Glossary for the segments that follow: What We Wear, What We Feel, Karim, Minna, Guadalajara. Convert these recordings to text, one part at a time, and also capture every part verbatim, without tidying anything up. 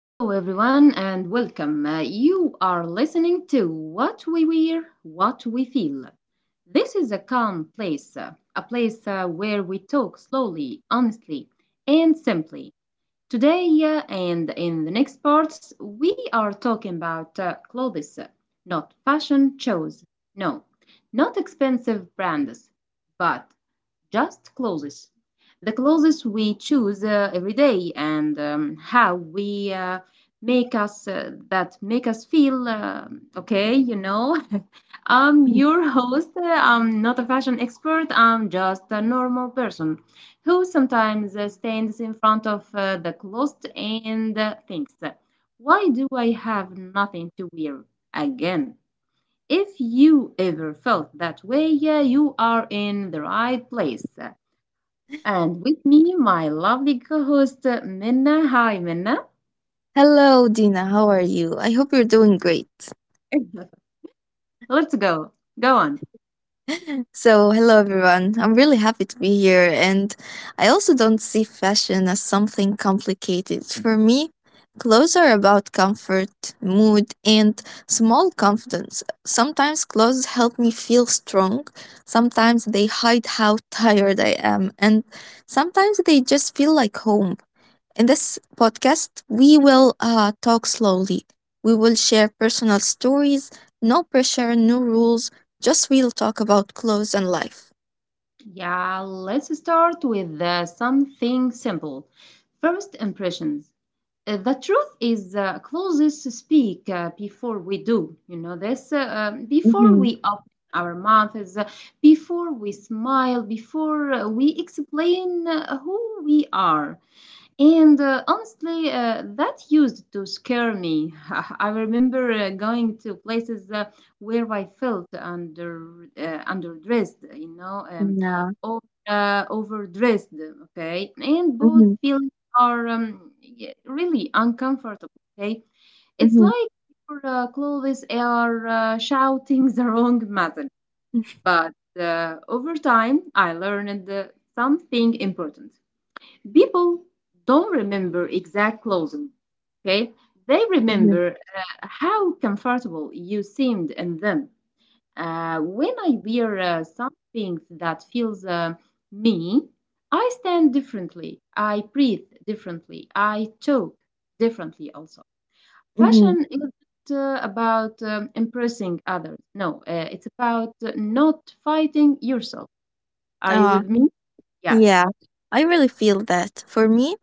Hello, everyone, and welcome. Uh, you are listening to What We Wear, What We Feel. This is a calm place, uh, a place uh, where we talk slowly, honestly, and simply. Today uh, and in the next parts, we are talking about uh, clothes, uh, not fashion shows, no, not expensive brands, but just clothes. The clothes we choose uh, every day and um, how we uh, make us uh, that make us feel uh, okay, you know. I'm your host. uh, I'm not a fashion expert. I'm just a normal person who sometimes uh, stands in front of uh, the closet and uh, thinks, "Why do I have nothing to wear again?" If you ever felt that way, yeah, you are in the right place. And with me, my lovely co host, Minna. Hi, Minna. Hello, Dina. How are you? I hope you're doing great. Let's go. Go on. So, hello, everyone. I'm really happy to be here. And I also don't see fashion as something complicated. For me, clothes are about comfort, mood, and small confidence. Sometimes clothes help me feel strong. Sometimes they hide how tired I am. And sometimes they just feel like home. In this podcast, we will uh, talk slowly. We will share personal stories, no pressure, no rules, just real talk about clothes and life. Yeah, let's start with uh, something simple. First impressions. Uh, The truth is, uh, closest speak uh, before we do. You know this. Uh, um, before Mm-hmm. we our mouth is uh, before we smile, before uh, we explain uh, who we are. And uh, honestly, uh, that used to scare me. I remember uh, going to places uh, where I felt under uh, underdressed, you know, um, Yeah. or, uh, overdressed. Okay, and both Mm-hmm. feelings are um, yeah, really uncomfortable. Okay, it's Mm-hmm. like your uh, clothes are uh, shouting the wrong message. But uh, over time, I learned uh, something important. People don't remember exact clothing, okay? They Mm-hmm. remember uh, how comfortable you seemed in them. Uh, when I wear uh, something that feels uh, me, I stand differently, I breathe differently, I talk differently also. Fashion isn't uh, about um, impressing others. No, uh, it's about uh, not fighting yourself. Are you with Mm-hmm. me? Yeah. Yeah, I really feel that. For me,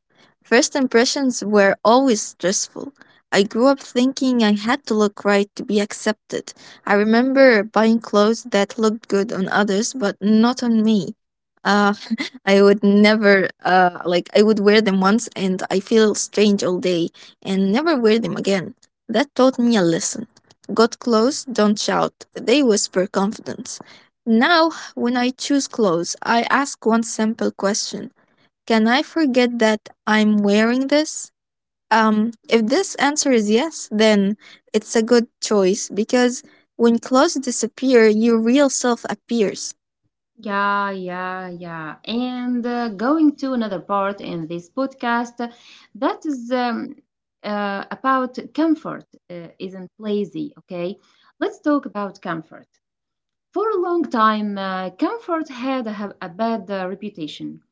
first impressions were always stressful. I grew up thinking I had to look right to be accepted. I remember buying clothes that looked good on others, but not on me. Uh, I would never, uh, like, I would wear them once and I feel strange all day and never wear them again. That taught me a lesson. Got close, don't shout. They whisper confidence. Now when I choose clothes, I ask one simple question. Can I forget that I'm wearing this? Um, if this answer is yes, then it's a good choice because when clothes disappear, your real self appears. Yeah, yeah, yeah. And uh, going to another part in this podcast uh, that is um, uh, about comfort uh, isn't lazy, okay? Let's talk about comfort. For a long time, uh, comfort had a, a bad uh, reputation.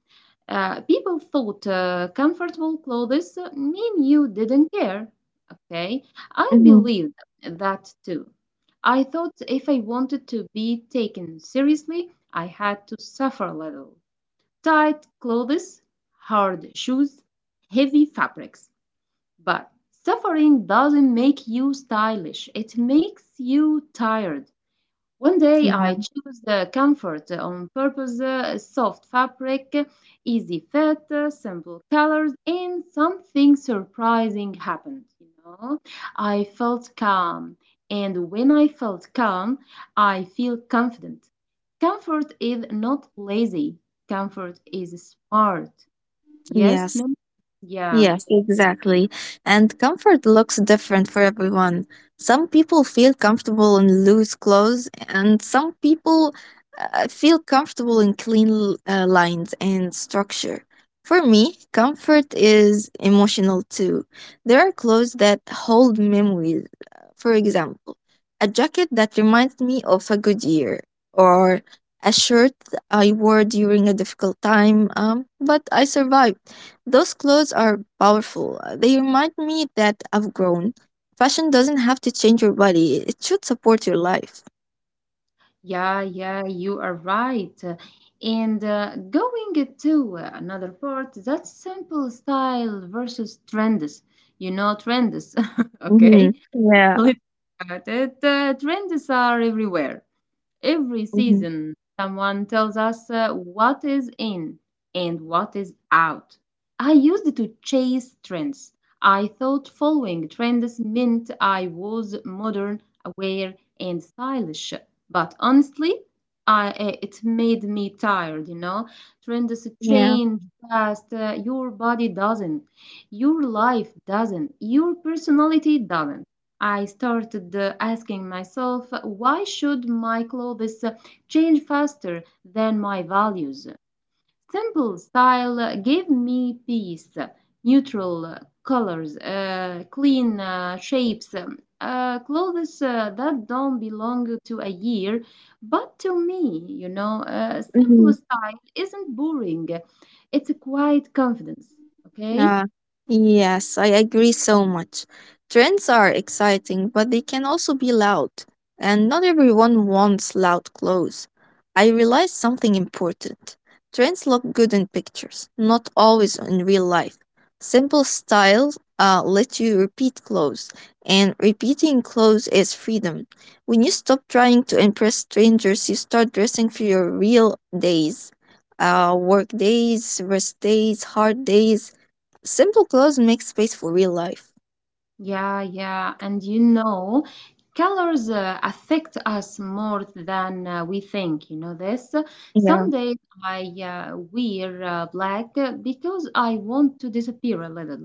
Uh, people thought uh, comfortable clothes mean you didn't care. Okay, I Mhm. believed that too. I thought if I wanted to be taken seriously, I had to suffer a little. Tight clothes, hard shoes, heavy fabrics. But suffering doesn't make you stylish, it makes you tired. One day I Yeah. chose the comfort on purpose, uh, soft fabric, easy fit, uh, simple colors, and something surprising happened, you know. I felt calm, and when I felt calm, I feel confident. Comfort is not lazy. Comfort is smart. Yes, Yes. ma'am? Yeah. Yes, exactly. And comfort looks different for everyone. Some people feel comfortable in loose clothes, and some people uh, feel comfortable in clean l- uh, lines and structure. For me, comfort is emotional too. There are clothes that hold memories. For example, a jacket that reminds me of a good year, or a shirt I wore during a difficult time, um, but I survived. Those clothes are powerful. They remind me that I've grown. Fashion doesn't have to change your body, it should support your life. Yeah, yeah, you are right. And uh, going to another part, that's simple style versus trends. You know, trends, hmm okay? Yeah. Let's look at it. Uh, trends are everywhere. Every hmm season, someone tells us uh, what is in and what is out. I used to chase trends. I thought following trends meant I was modern, aware, and stylish. But honestly, I, uh, it made me tired, you know. Trends Yeah. change fast. Uh, your body doesn't. Your life doesn't. Your personality doesn't. I started uh, asking myself, why should my clothes uh, change faster than my values? Simple style uh, gave me peace, neutral uh, colors, uh, clean uh, shapes, um, uh, clothes uh, that don't belong to a year, but to me, you know, uh, simple style isn't boring. It's a quiet confidence, okay? Ah yes, I agree so much. Trends are exciting, but they can also be loud, and not everyone wants loud clothes. I realized something important. Trends look good in pictures, not always in real life. Simple styles uh, let you repeat clothes, and repeating clothes is freedom. When you stop trying to impress strangers, you start dressing for your real days. Uh, work days, rest days, hard days. Simple clothes make space for real life. Yeah, yeah. And you know, colors uh, affect us more than uh, we think. You know this? Yeah. Some days I uh, wear uh, black uh, because I want to disappear a little.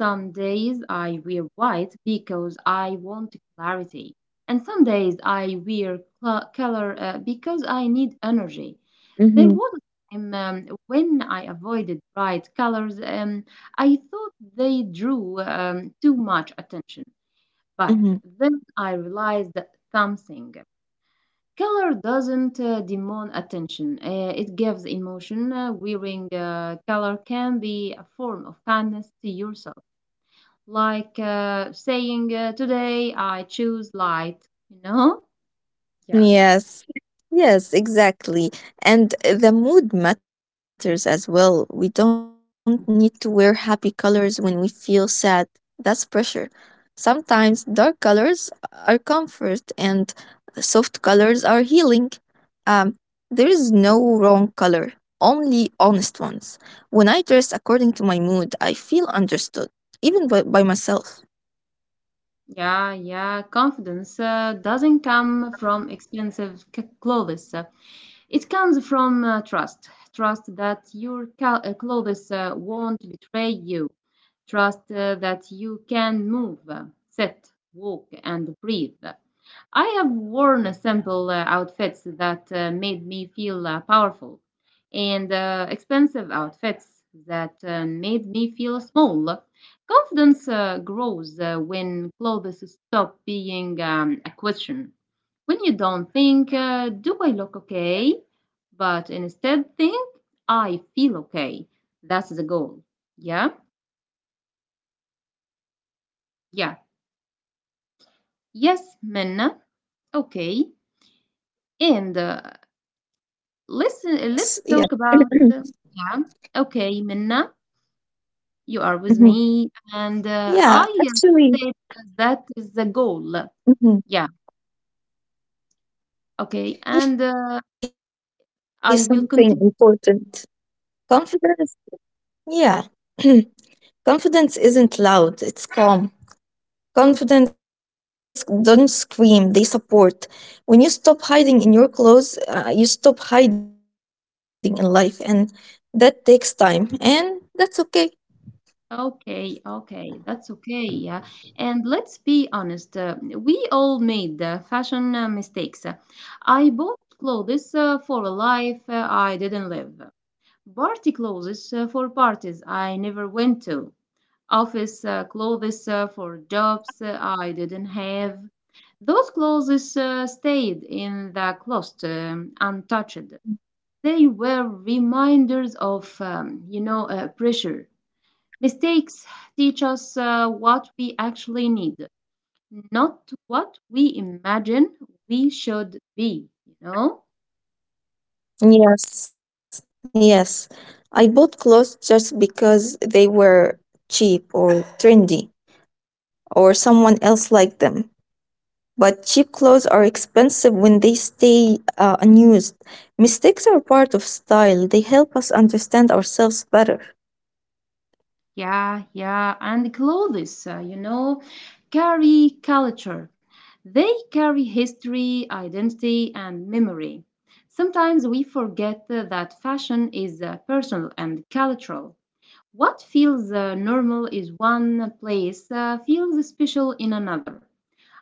Some days I wear white because I want clarity, and some days I wear cl- color uh, because I need energy. There Mm-hmm. was a time um, when I avoided bright colors. Um, I thought they drew um, too much attention, but Mm-hmm. then I realized something. Color doesn't uh, demand attention. Uh, it gives emotion. Uh, wearing uh, color can be a form of kindness to yourself like uh, saying, uh, today I choose light, you know? Yeah. Yes. Yes, exactly. And the mood matters as well. We don't need to wear happy colors when we feel sad. That's pressure. Sometimes dark colors are comfort and soft colors are healing. Um, there is no wrong color, only honest ones. When I dress according to my mood, I feel understood, even by, by myself. Yeah, yeah. Confidence uh, doesn't come from expensive c- clothes. It comes from uh, trust, trust that your cal- uh, clothes uh, won't betray you, trust uh, that you can move, uh, sit, walk, and breathe. I have worn simple uh, outfits that uh, made me feel uh, powerful, and uh, expensive outfits that uh, made me feel small. Confidence uh, grows uh, when clothes stop being um, a question when you don't think, uh, do I look okay? But instead think, I feel okay. That's the goal. Yeah? Yeah. Yes, Minna. Okay. And uh, Yes. listen, Yes. let's talk about. Uh, yeah. Okay, Minna, you are with Mm-hmm. me. And uh, I Yeah, said actually, that is the goal. Yeah. hmm Okay. And uh, yeah, actually, I want I to will say continue. something important. Confidence, yeah, confidence isn't loud; it's calm. Confidence clothes, confident clothes don't scream; they support. When you stop hiding in your clothes, uh, you stop hiding in life, and that takes time, and that's okay. Okay, okay, that's okay. Yeah. And let's be honest, uh, we all made uh, fashion uh, mistakes. I bought clothes uh, for a life uh, I didn't live, party clothes uh, for parties I never went to, office uh, clothes uh, for jobs uh, I didn't have. Those clothes uh, stayed in the closet um, untouched. They were reminders of, um, you know, uh, pressure. Mistakes teach us uh, what we actually need, not what we imagine we should be, you know? Yes, yes. I bought clothes just because they were cheap or trendy, or someone else like them. But cheap clothes are expensive when they stay uh, unused. Mistakes are part of style, they help us understand ourselves better. Yeah, yeah. And clothes, uh, you know, carry culture. They carry history, identity, and memory. Sometimes we forget uh, that fashion is uh, personal and cultural. What feels uh, normal in one place uh, feels special in another.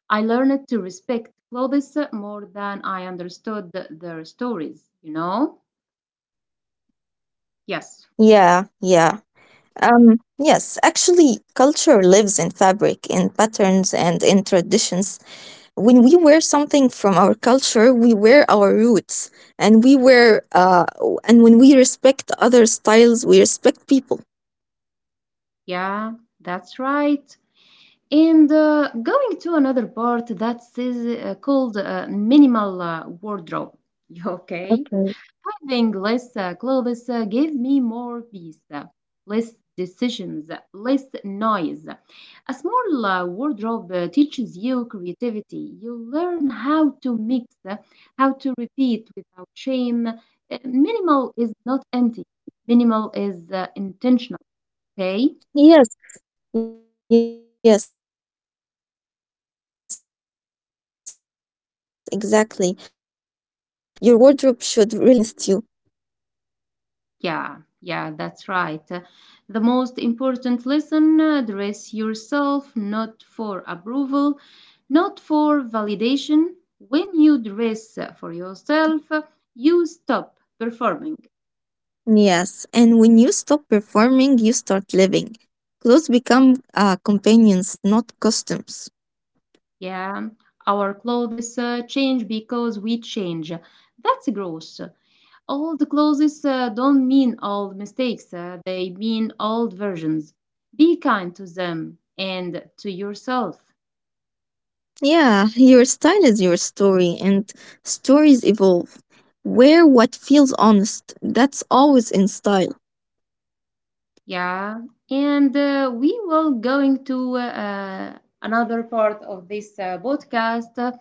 I learned to respect clothes more than I understood their stories, you know? Yes, Yeah, yeah. Um, yes, actually, culture lives in fabric, in patterns, and in traditions. When we wear something from our culture, we wear our roots, and we wear, uh, and when we respect other styles, we respect people. yeah, that's right. And uh, going to another part that is uh, called uh, minimal uh, wardrobe. Okay. Giving less uh, clothes uh, give me more peace, uh, less decisions, uh, less noise. A small uh, wardrobe uh, teaches you creativity. You learn how to mix, uh, how to repeat without shame. Uh, Minimal is not empty, minimal is uh, intentional, okay? Yes, yes, exactly. A few good pieces can support many days. Uh, your wardrobe should really work for you, not against you. Yeah, yeah, that's right. The most important lesson uh, dress yourself not for approval, not for validation. When you dress for yourself, you stop performing. Yes, and when you stop performing, you start living. Clothes become uh, companions, not customs. Yeah, our clothes uh, change because we change. That's gross. Old clothes uh, don't mean old mistakes, uh, they mean old versions. Be kind to them and to yourself. Yeah, your style is your story, and stories evolve. Wear what feels honest. That's always in style. Yeah, and uh, we will going to uh, another part of this uh, podcast. uh,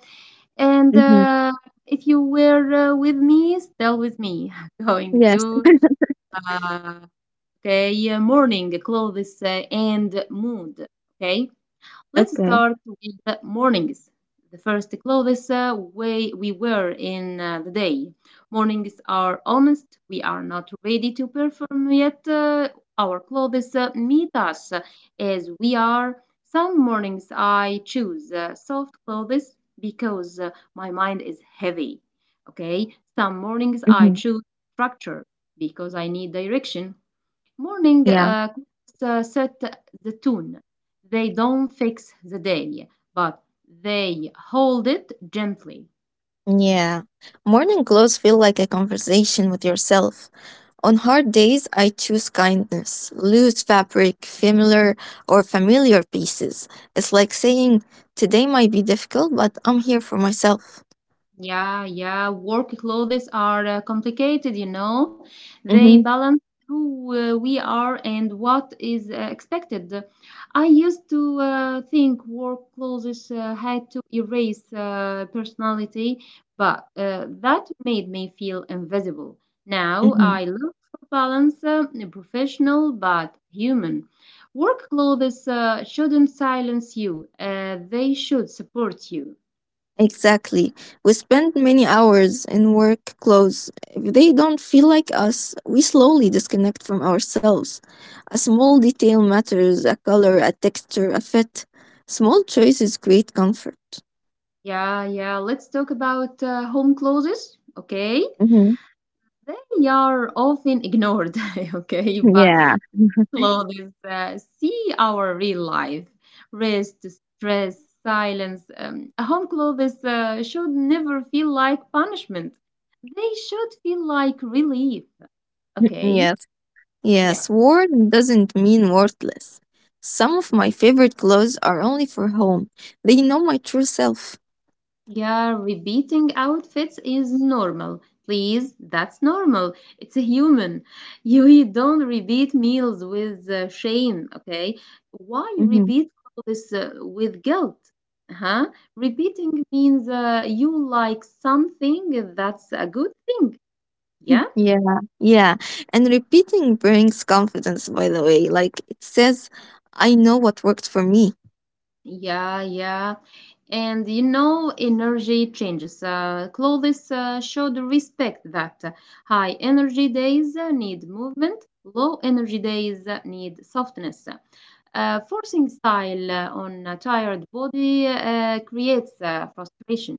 And Mm-hmm. uh, if you were uh, with me, still with me, going Yes. to uh, okay uh, morning clothes uh, and mood. Okay, let's Okay. start with the mornings. The first clothes uh, we, we wear in uh, the day. Mornings are honest. We are not ready to perform yet. Uh, our clothes uh, meet us as we are. Some mornings I choose uh, soft clothes because uh, my mind is heavy. Okay. Some mornings I Mm-hmm. choose structure because I need direction. Morning Yeah. uh, cooks, uh, set the tone. They don't fix the day, but they hold it gently. Yeah. Morning glows feel like a conversation with yourself. On hard days, I choose kindness, loose fabric, familiar or familiar pieces. It's like saying, today might be difficult, but I'm here for myself. Yeah, yeah. Work clothes are uh, complicated, you know. They Mm-hmm. balance who uh, we are and what is uh, expected. I used to uh, think work clothes uh, had to erase uh, personality, but uh, that made me feel invisible. Now Mm-hmm. I look for balance, uh, professional but human. Work clothes uh, shouldn't silence you, uh, they should support you. Exactly. We spend many hours in work clothes. If they don't feel like us, we slowly disconnect from ourselves. A small detail matters, a color, a texture, a fit. Small choices create comfort. Yeah, yeah. Let's talk about uh, home clothes. Okay. hmm They are often ignored. Okay. But Yeah. clothes uh, see our real life rest, stress, silence. Um, home clothes uh, should never feel like punishment, they should feel like relief. Okay. Yes, Yeah. yes, worn doesn't mean worthless. Some of my favorite clothes are only for home. They know my true self. Yeah, repeating outfits is normal. Please, that's normal. It's a human. You, you don't repeat meals with uh, shame, okay? Why hmm repeat all this uh, with guilt? Huh? Repeating means uh, you like something, that's a good thing. Yeah? Yeah, yeah. And repeating brings confidence, by the way. Like it says, I know what worked for me. Yeah, yeah. And you know energy changes uh, clothes uh, should respect that. High energy days uh, need movement, low energy days uh, need softness. Uh, forcing style on a tired body uh, creates uh, frustration.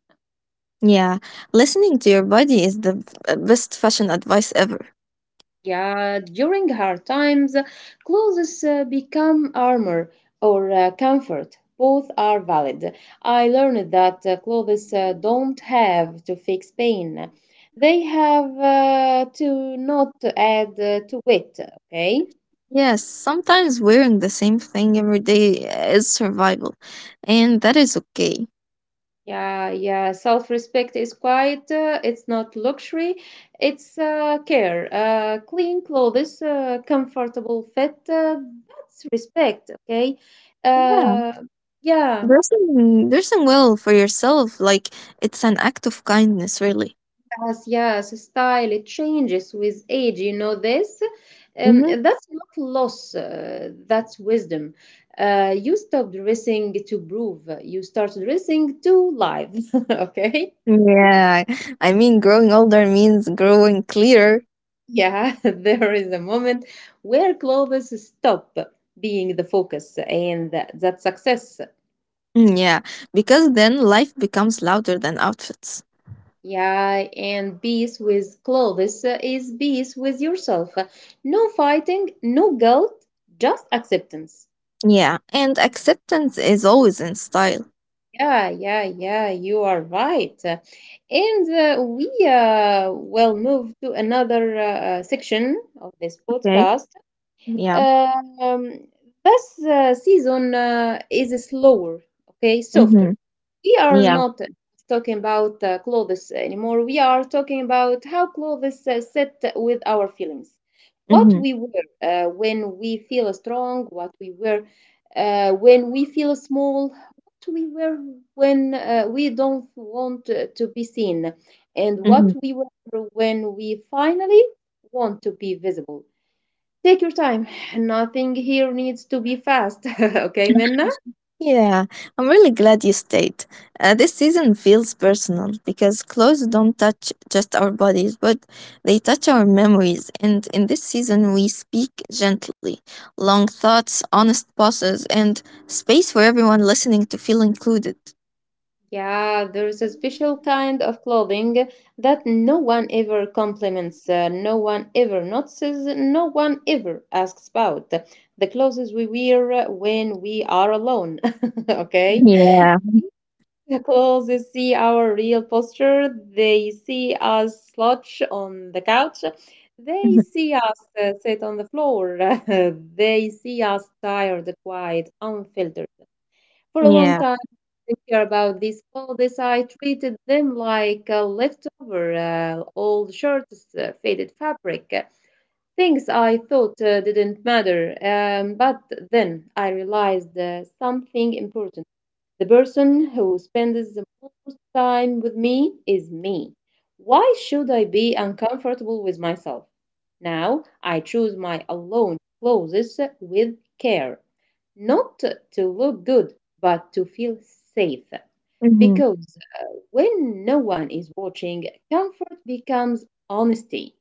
Yeah, listening to your body is the b- best fashion advice ever. Yeah, during hard times, clothes uh, become armor or uh, comfort. Both are valid. I learned that uh, clothes uh, don't have to fix pain. They have uh, to not add uh, to it, okay? Yes, sometimes wearing the same thing every day is survival, and that is okay. Yeah, yeah. Self respect is quiet. Uh, it's not luxury. It's uh, care. Uh, clean clothes, uh, comfortable fit. Uh, that's respect, okay? Yeah. Uh, yeah, Dressing dressing well for yourself, like it's an act of kindness, really. yes, yes. Style, it changes with age. You know this? hmm Um, that's not loss, uh, that's wisdom. Uh, you stop dressing to prove, you start dressing to live, okay? Yeah, I mean, growing older means growing clearer. Yeah, there is a moment where clothes stop being the focus and that, that success. Mm, Yeah, because then life becomes louder than outfits. Yeah, and peace with clothes is peace with yourself. No fighting, no guilt, just acceptance. Yeah, and acceptance is always in style. Yeah, yeah, yeah, you are right. And uh, we uh, will move to another uh, uh, section of this Okay. podcast. Yeah. Um, this uh, season uh, is slower, okay, Mm-hmm. softer. We are Yeah. not talking about uh, clothes anymore. We are talking about how clothes uh, sit with our feelings. What Mm-hmm. we wear uh, when we feel strong, what we wear uh, when we feel small, what we wear when uh, we don't want uh, to be seen, and Mm-hmm. what we wear when we finally want to be visible. Take your time. Nothing here needs to be fast. Okay, Minna? Yeah, I'm really glad you stayed. Uh, this season feels personal because clothes don't touch just our bodies, but they touch our memories. And in this season, we speak gently, long thoughts, honest pauses, and space for everyone listening to feel included. Yeah, there's a special kind of clothing that no one ever compliments, uh, no one ever notices, no one ever asks about. The clothes we wear when we are alone. Okay? Yeah. Because they see our real posture, they see us slouch on the couch, they see us uh, sit on the floor, they see us tired, quiet, unfiltered. For a long Yeah. time, I care about these clothes. I treated them like a leftover, uh, old shirts, uh, faded fabric, uh, things I thought uh, didn't matter. Um, but then I realized uh, something important. The person who spends the most time with me is me. Why should I be uncomfortable with myself? Now I choose my alone clothes with care, not to look good, but to feel safe. hmm Because uh, when no one is watching, comfort becomes honesty.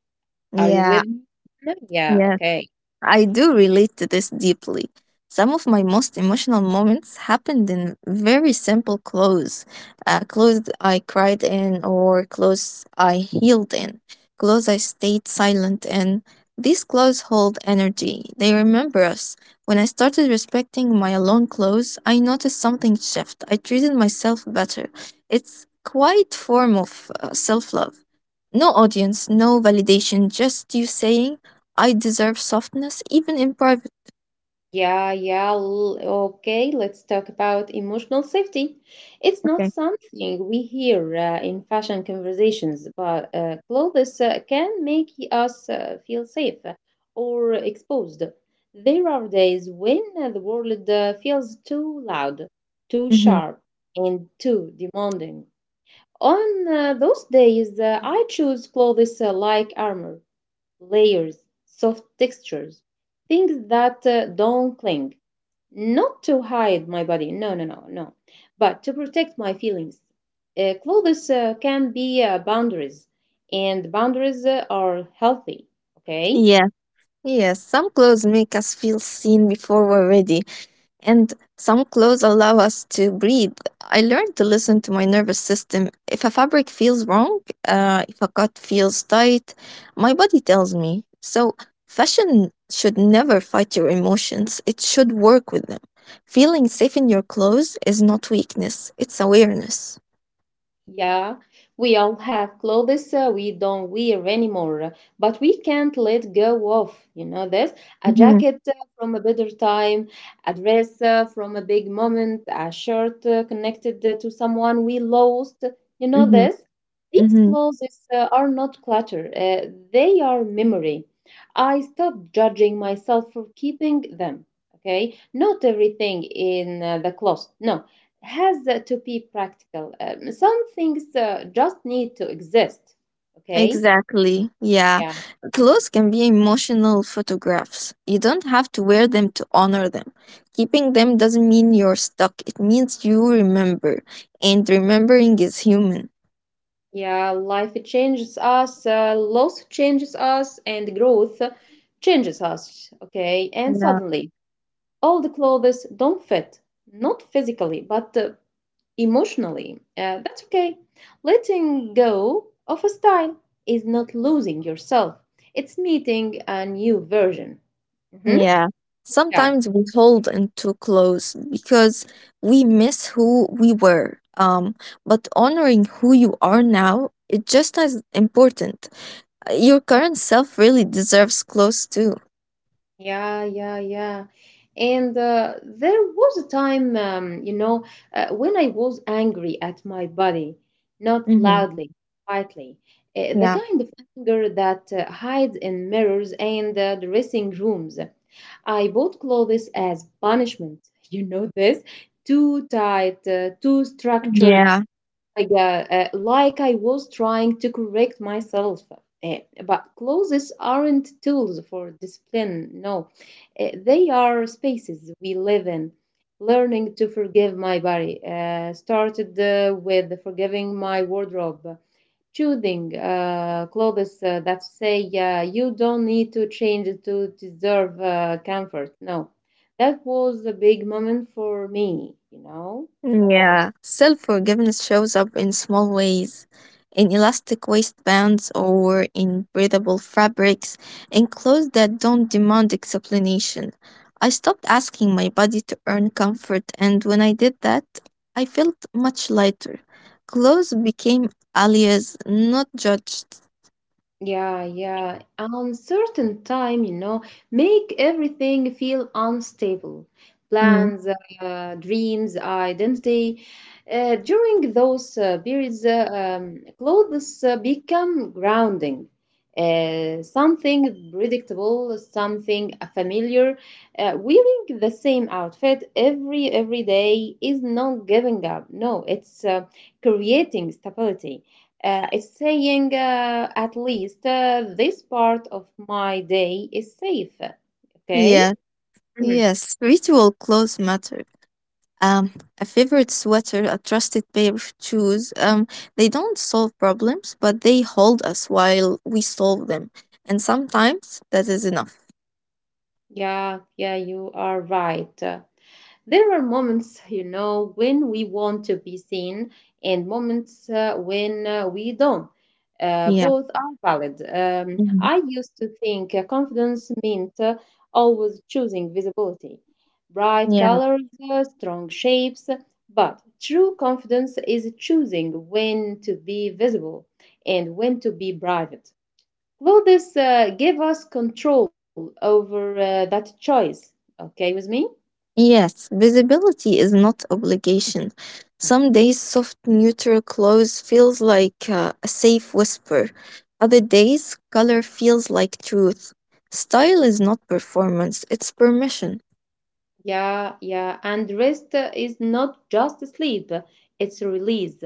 Are you Yeah. with me? No? Yeah, Yeah. okay. I do relate to this deeply. Some of my most emotional moments happened in very simple clothes. Uh, clothes I cried in, or clothes I healed in, clothes I stayed silent in. These clothes hold energy, they remember us. When I started respecting my alone clothes, I noticed something shift. I treated myself better. It's quite form of self love. No audience, no validation, just you saying, I deserve softness even in private. Yeah, yeah. l- Okay, let's talk about emotional safety. It's not Okay. something we hear uh, in fashion conversations, but uh, clothes uh, can make us uh, feel safe or exposed. There are days when uh, the world uh, feels too loud, too Mm-hmm. sharp, and too demanding. On uh, those days, uh, I choose clothes uh, like armor, layers, soft textures, things that uh, don't cling, not to hide my body, no, no, no, no, but to protect my feelings. Uh, clothes uh, can be uh, boundaries, and boundaries uh, are healthy, okay? Yeah. Yes. Some clothes make us feel seen before we're ready, and some clothes allow us to breathe. I learned to listen to my nervous system. If a fabric feels wrong, uh, if a cut feels tight, my body tells me. So, fashion should never fight your emotions, it should work with them. Feeling safe in your clothes is not weakness, it's awareness. Yeah, we all have clothes uh, we don't wear anymore, but we can't let go of, you know this? A Mm-hmm. jacket uh, from a better time, a dress uh, from a big moment, a shirt uh, connected uh, to someone we lost, you know Mm-hmm. this? These Mm-hmm. clothes uh, are not clutter, uh, they are memory. I stopped judging myself for keeping them, okay? Not everything in uh, the closet, no, has uh, to be practical. Um, some things uh, just need to exist. Okay. Exactly. Yeah. Yeah. Clothes can be emotional photographs. You don't have to wear them to honor them. Keeping them doesn't mean you're stuck, it means you remember. And remembering is human. Yeah, life changes us, uh, loss changes us, and growth changes us. Okay. And Yeah. suddenly, all the clothes don't fit, not physically, but uh, emotionally. Uh, that's okay. Letting go of a style is not losing yourself, it's meeting a new version. Hmm. Yeah. Yeah. Sometimes we hold into clothes because we miss who we were. Um, but honoring who you are now is just as important. Your current self really deserves clothes too. Yeah, yeah, yeah. And uh, there was a time, um, you know, uh, when I was angry at my body, not Mm-hmm. loudly, quietly. Uh, the Yeah. kind of anger that uh, hides in mirrors and uh, dressing rooms. I bought clothes as punishment. You know this? Too Yeah. tight, uh, too structured, like, Uh, yeah, uh, like I was trying to correct myself. Uh, but clothes aren't tools for discipline, no. Uh, they are spaces we live in. Learning to forgive my body uh, started uh, with forgiving my wardrobe, choosing uh, clothes uh, that say uh, you don't need to change to deserve uh, comfort. No, that was a big moment for me, you know. Yeah. Self forgiveness shows up in small ways, in elastic waistbands or in breathable fabrics, in clothes that don't demand explanation. I stopped asking my body to earn comfort, and when I did that, I felt much lighter. Clothes became alias, not judged. Yeah, yeah. Uncertain time, you know, make everything feel unstable. Mm. Plans, uh, dreams, identity. Uh, during those uh, periods, uh, um, clothes uh, become grounding. Uh, something predictable, something familiar. Uh, wearing the same outfit every every day is not giving up. No, it's uh, creating stability. Uh, it's saying, uh, at least uh, this part of my day is safe. Okay? Yeah, Mhm. yes, ritual clothes matter. um, a favorite sweater, a trusted pair of shoes. Um, they don't solve problems, but they hold us while we solve them. And sometimes that is enough. Yeah, yeah, you are right. There are moments, you know, when we want to be seen and moments uh, when uh, we don't. Uh, Yeah. both are valid. Um, Mhm. I used to think uh, confidence meant uh, always choosing visibility, bright Yeah. colors, uh, strong shapes, but true confidence is choosing when to be visible and when to be private. Clothes uh, give us control over uh, that choice. Okay with me? Yes, visibility is not obligation. Some days, soft, neutral clothes feels like uh, a safe whisper. Other days, color feels like truth. Style is not performance, it's permission. Yeah, yeah. And rest uh, is not just sleep, it's release.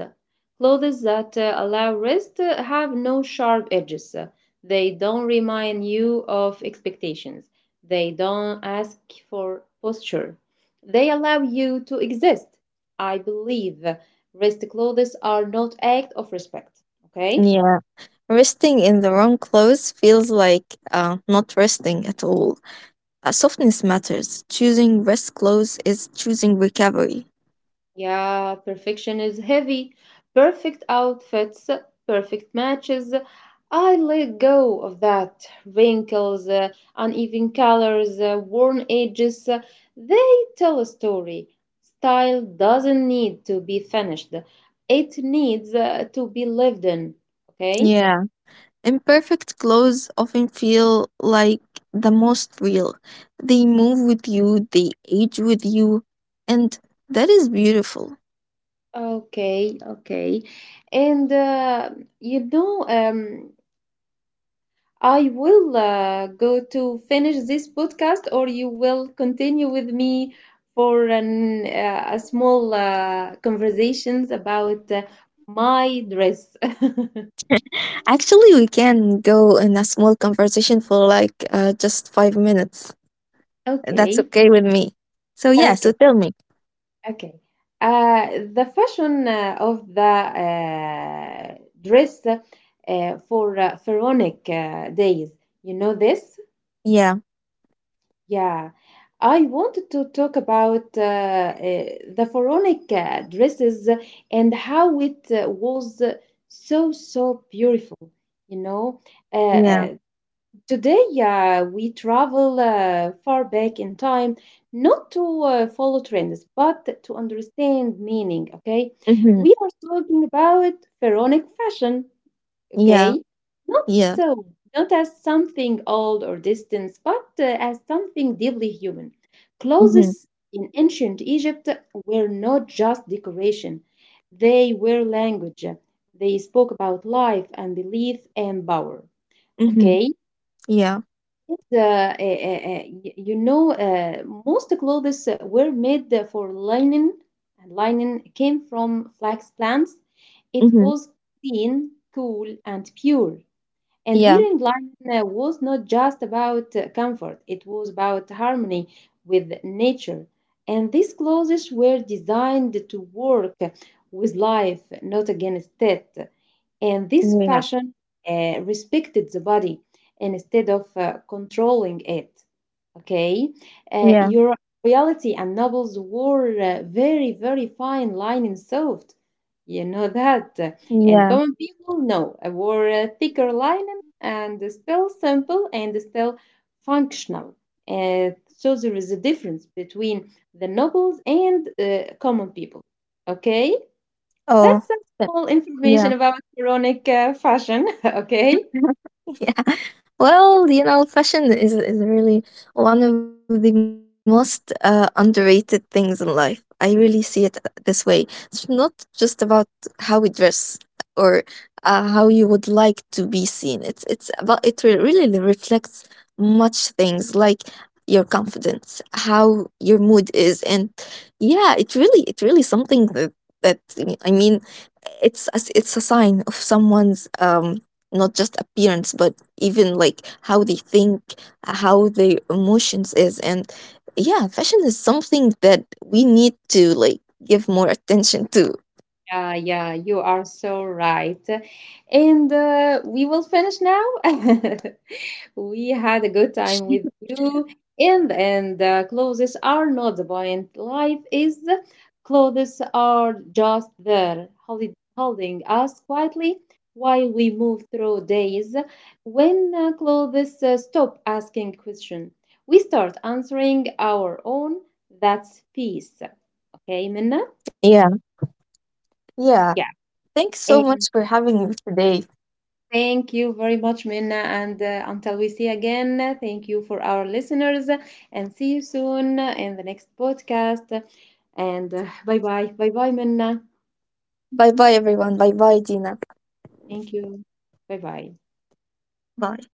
Clothes that uh, allow rest uh, have no sharp edges. They don't remind you of expectations. They don't ask for posture. They allow you to exist. I believe rest clothes are not act of respect. Okay? Yeah. Resting in the wrong clothes feels like uh, not resting at all. Uh, softness matters. Choosing rest clothes is choosing recovery. Yeah, perfection is heavy. Perfect outfits, perfect matches. I let go of that. Wrinkles, uh, uneven colors, uh, worn edges, uh, they tell a story. Style doesn't need to be finished, it needs uh, to be lived in. Okay? Yeah. Imperfect clothes often feel like the most real. They move with you, they age with you, and that is beautiful. Okay, okay. And uh, you know, um, I will uh, go to finish this podcast, or you will continue with me for an, uh, a small uh, conversations about uh, my dress. Actually, we can go in a small conversation for like uh, just five minutes. That's Okay, okay with me. So, yeah, so okay, tell me. okay. Uh, the fashion uh, of the uh, dress uh, for uh, pharaonic uh, days. You know this? Yeah, Yeah, I wanted to talk about uh, uh, the pharaonic uh, dresses and how it uh, was uh, so, so beautiful. You know, uh, yeah, uh, today uh, we travel uh, far back in time, not to uh, follow trends, but to understand meaning. Okay, hmm we are talking about pharaonic fashion, yeah. okay? Not Yeah. so, not as something old or distant, but uh, as something deeply human. Mhm. Clothes in ancient Egypt were not just decoration, they were language. They spoke about life and belief and power, Mhm. okay? Yeah. And, uh, eh, eh, eh, y- you know, uh, most clothes were made for linen, and linen came from flax plants. It Mhm. was clean, cool, and pure. And Yeah. wearing line uh, was not just about uh, comfort, it was about harmony with nature. And these clothes were designed to work with life, not against it. And this Yeah. fashion uh, respected the body instead of uh, controlling it. Okay, uh, Yeah. your royalty and nobles wore uh, very, very fine line soft. You know that. And Yeah. common people, no, uh, wore uh, thicker linen, and still simple and still functional. Uh, so there is a difference between the nobles and uh, common people. Okay. That's Oh. some th- small information Yeah. about Quranic uh, fashion, okay? Yeah. Well, you know, fashion is is really one of the most uh, underrated things in life. I really see it uh, this way. It's not just about how we dress or uh, how you would like to be seen. It's it's about it re- really reflects much things like your confidence, how your mood is, and yeah, it really it really something that that I mean, it's a, it's a sign of someone's um not just appearance but even like how they think, how their emotions is, and yeah, fashion is something that we need to like give more attention to. Yeah, yeah, you are so right. And uh, we will finish now. We had a good time with you. In the end, the clothes are not the point. Life is the clothes are just there, holi- holding us quietly while we move through days. When uh, clothes uh, stop asking questions, we start answering our own. That's peace. Okay, Minna? Yeah, yeah, thanks so Yeah. much for having me today. Thank you very much, Minna. And uh, until we see again, uh, thank you for our listeners, uh, and see you soon uh, in the next podcast. And uh, bye bye. Bye bye, Minna. Bye bye, everyone. Bye bye, Dina. Thank you. Bye bye. Bye.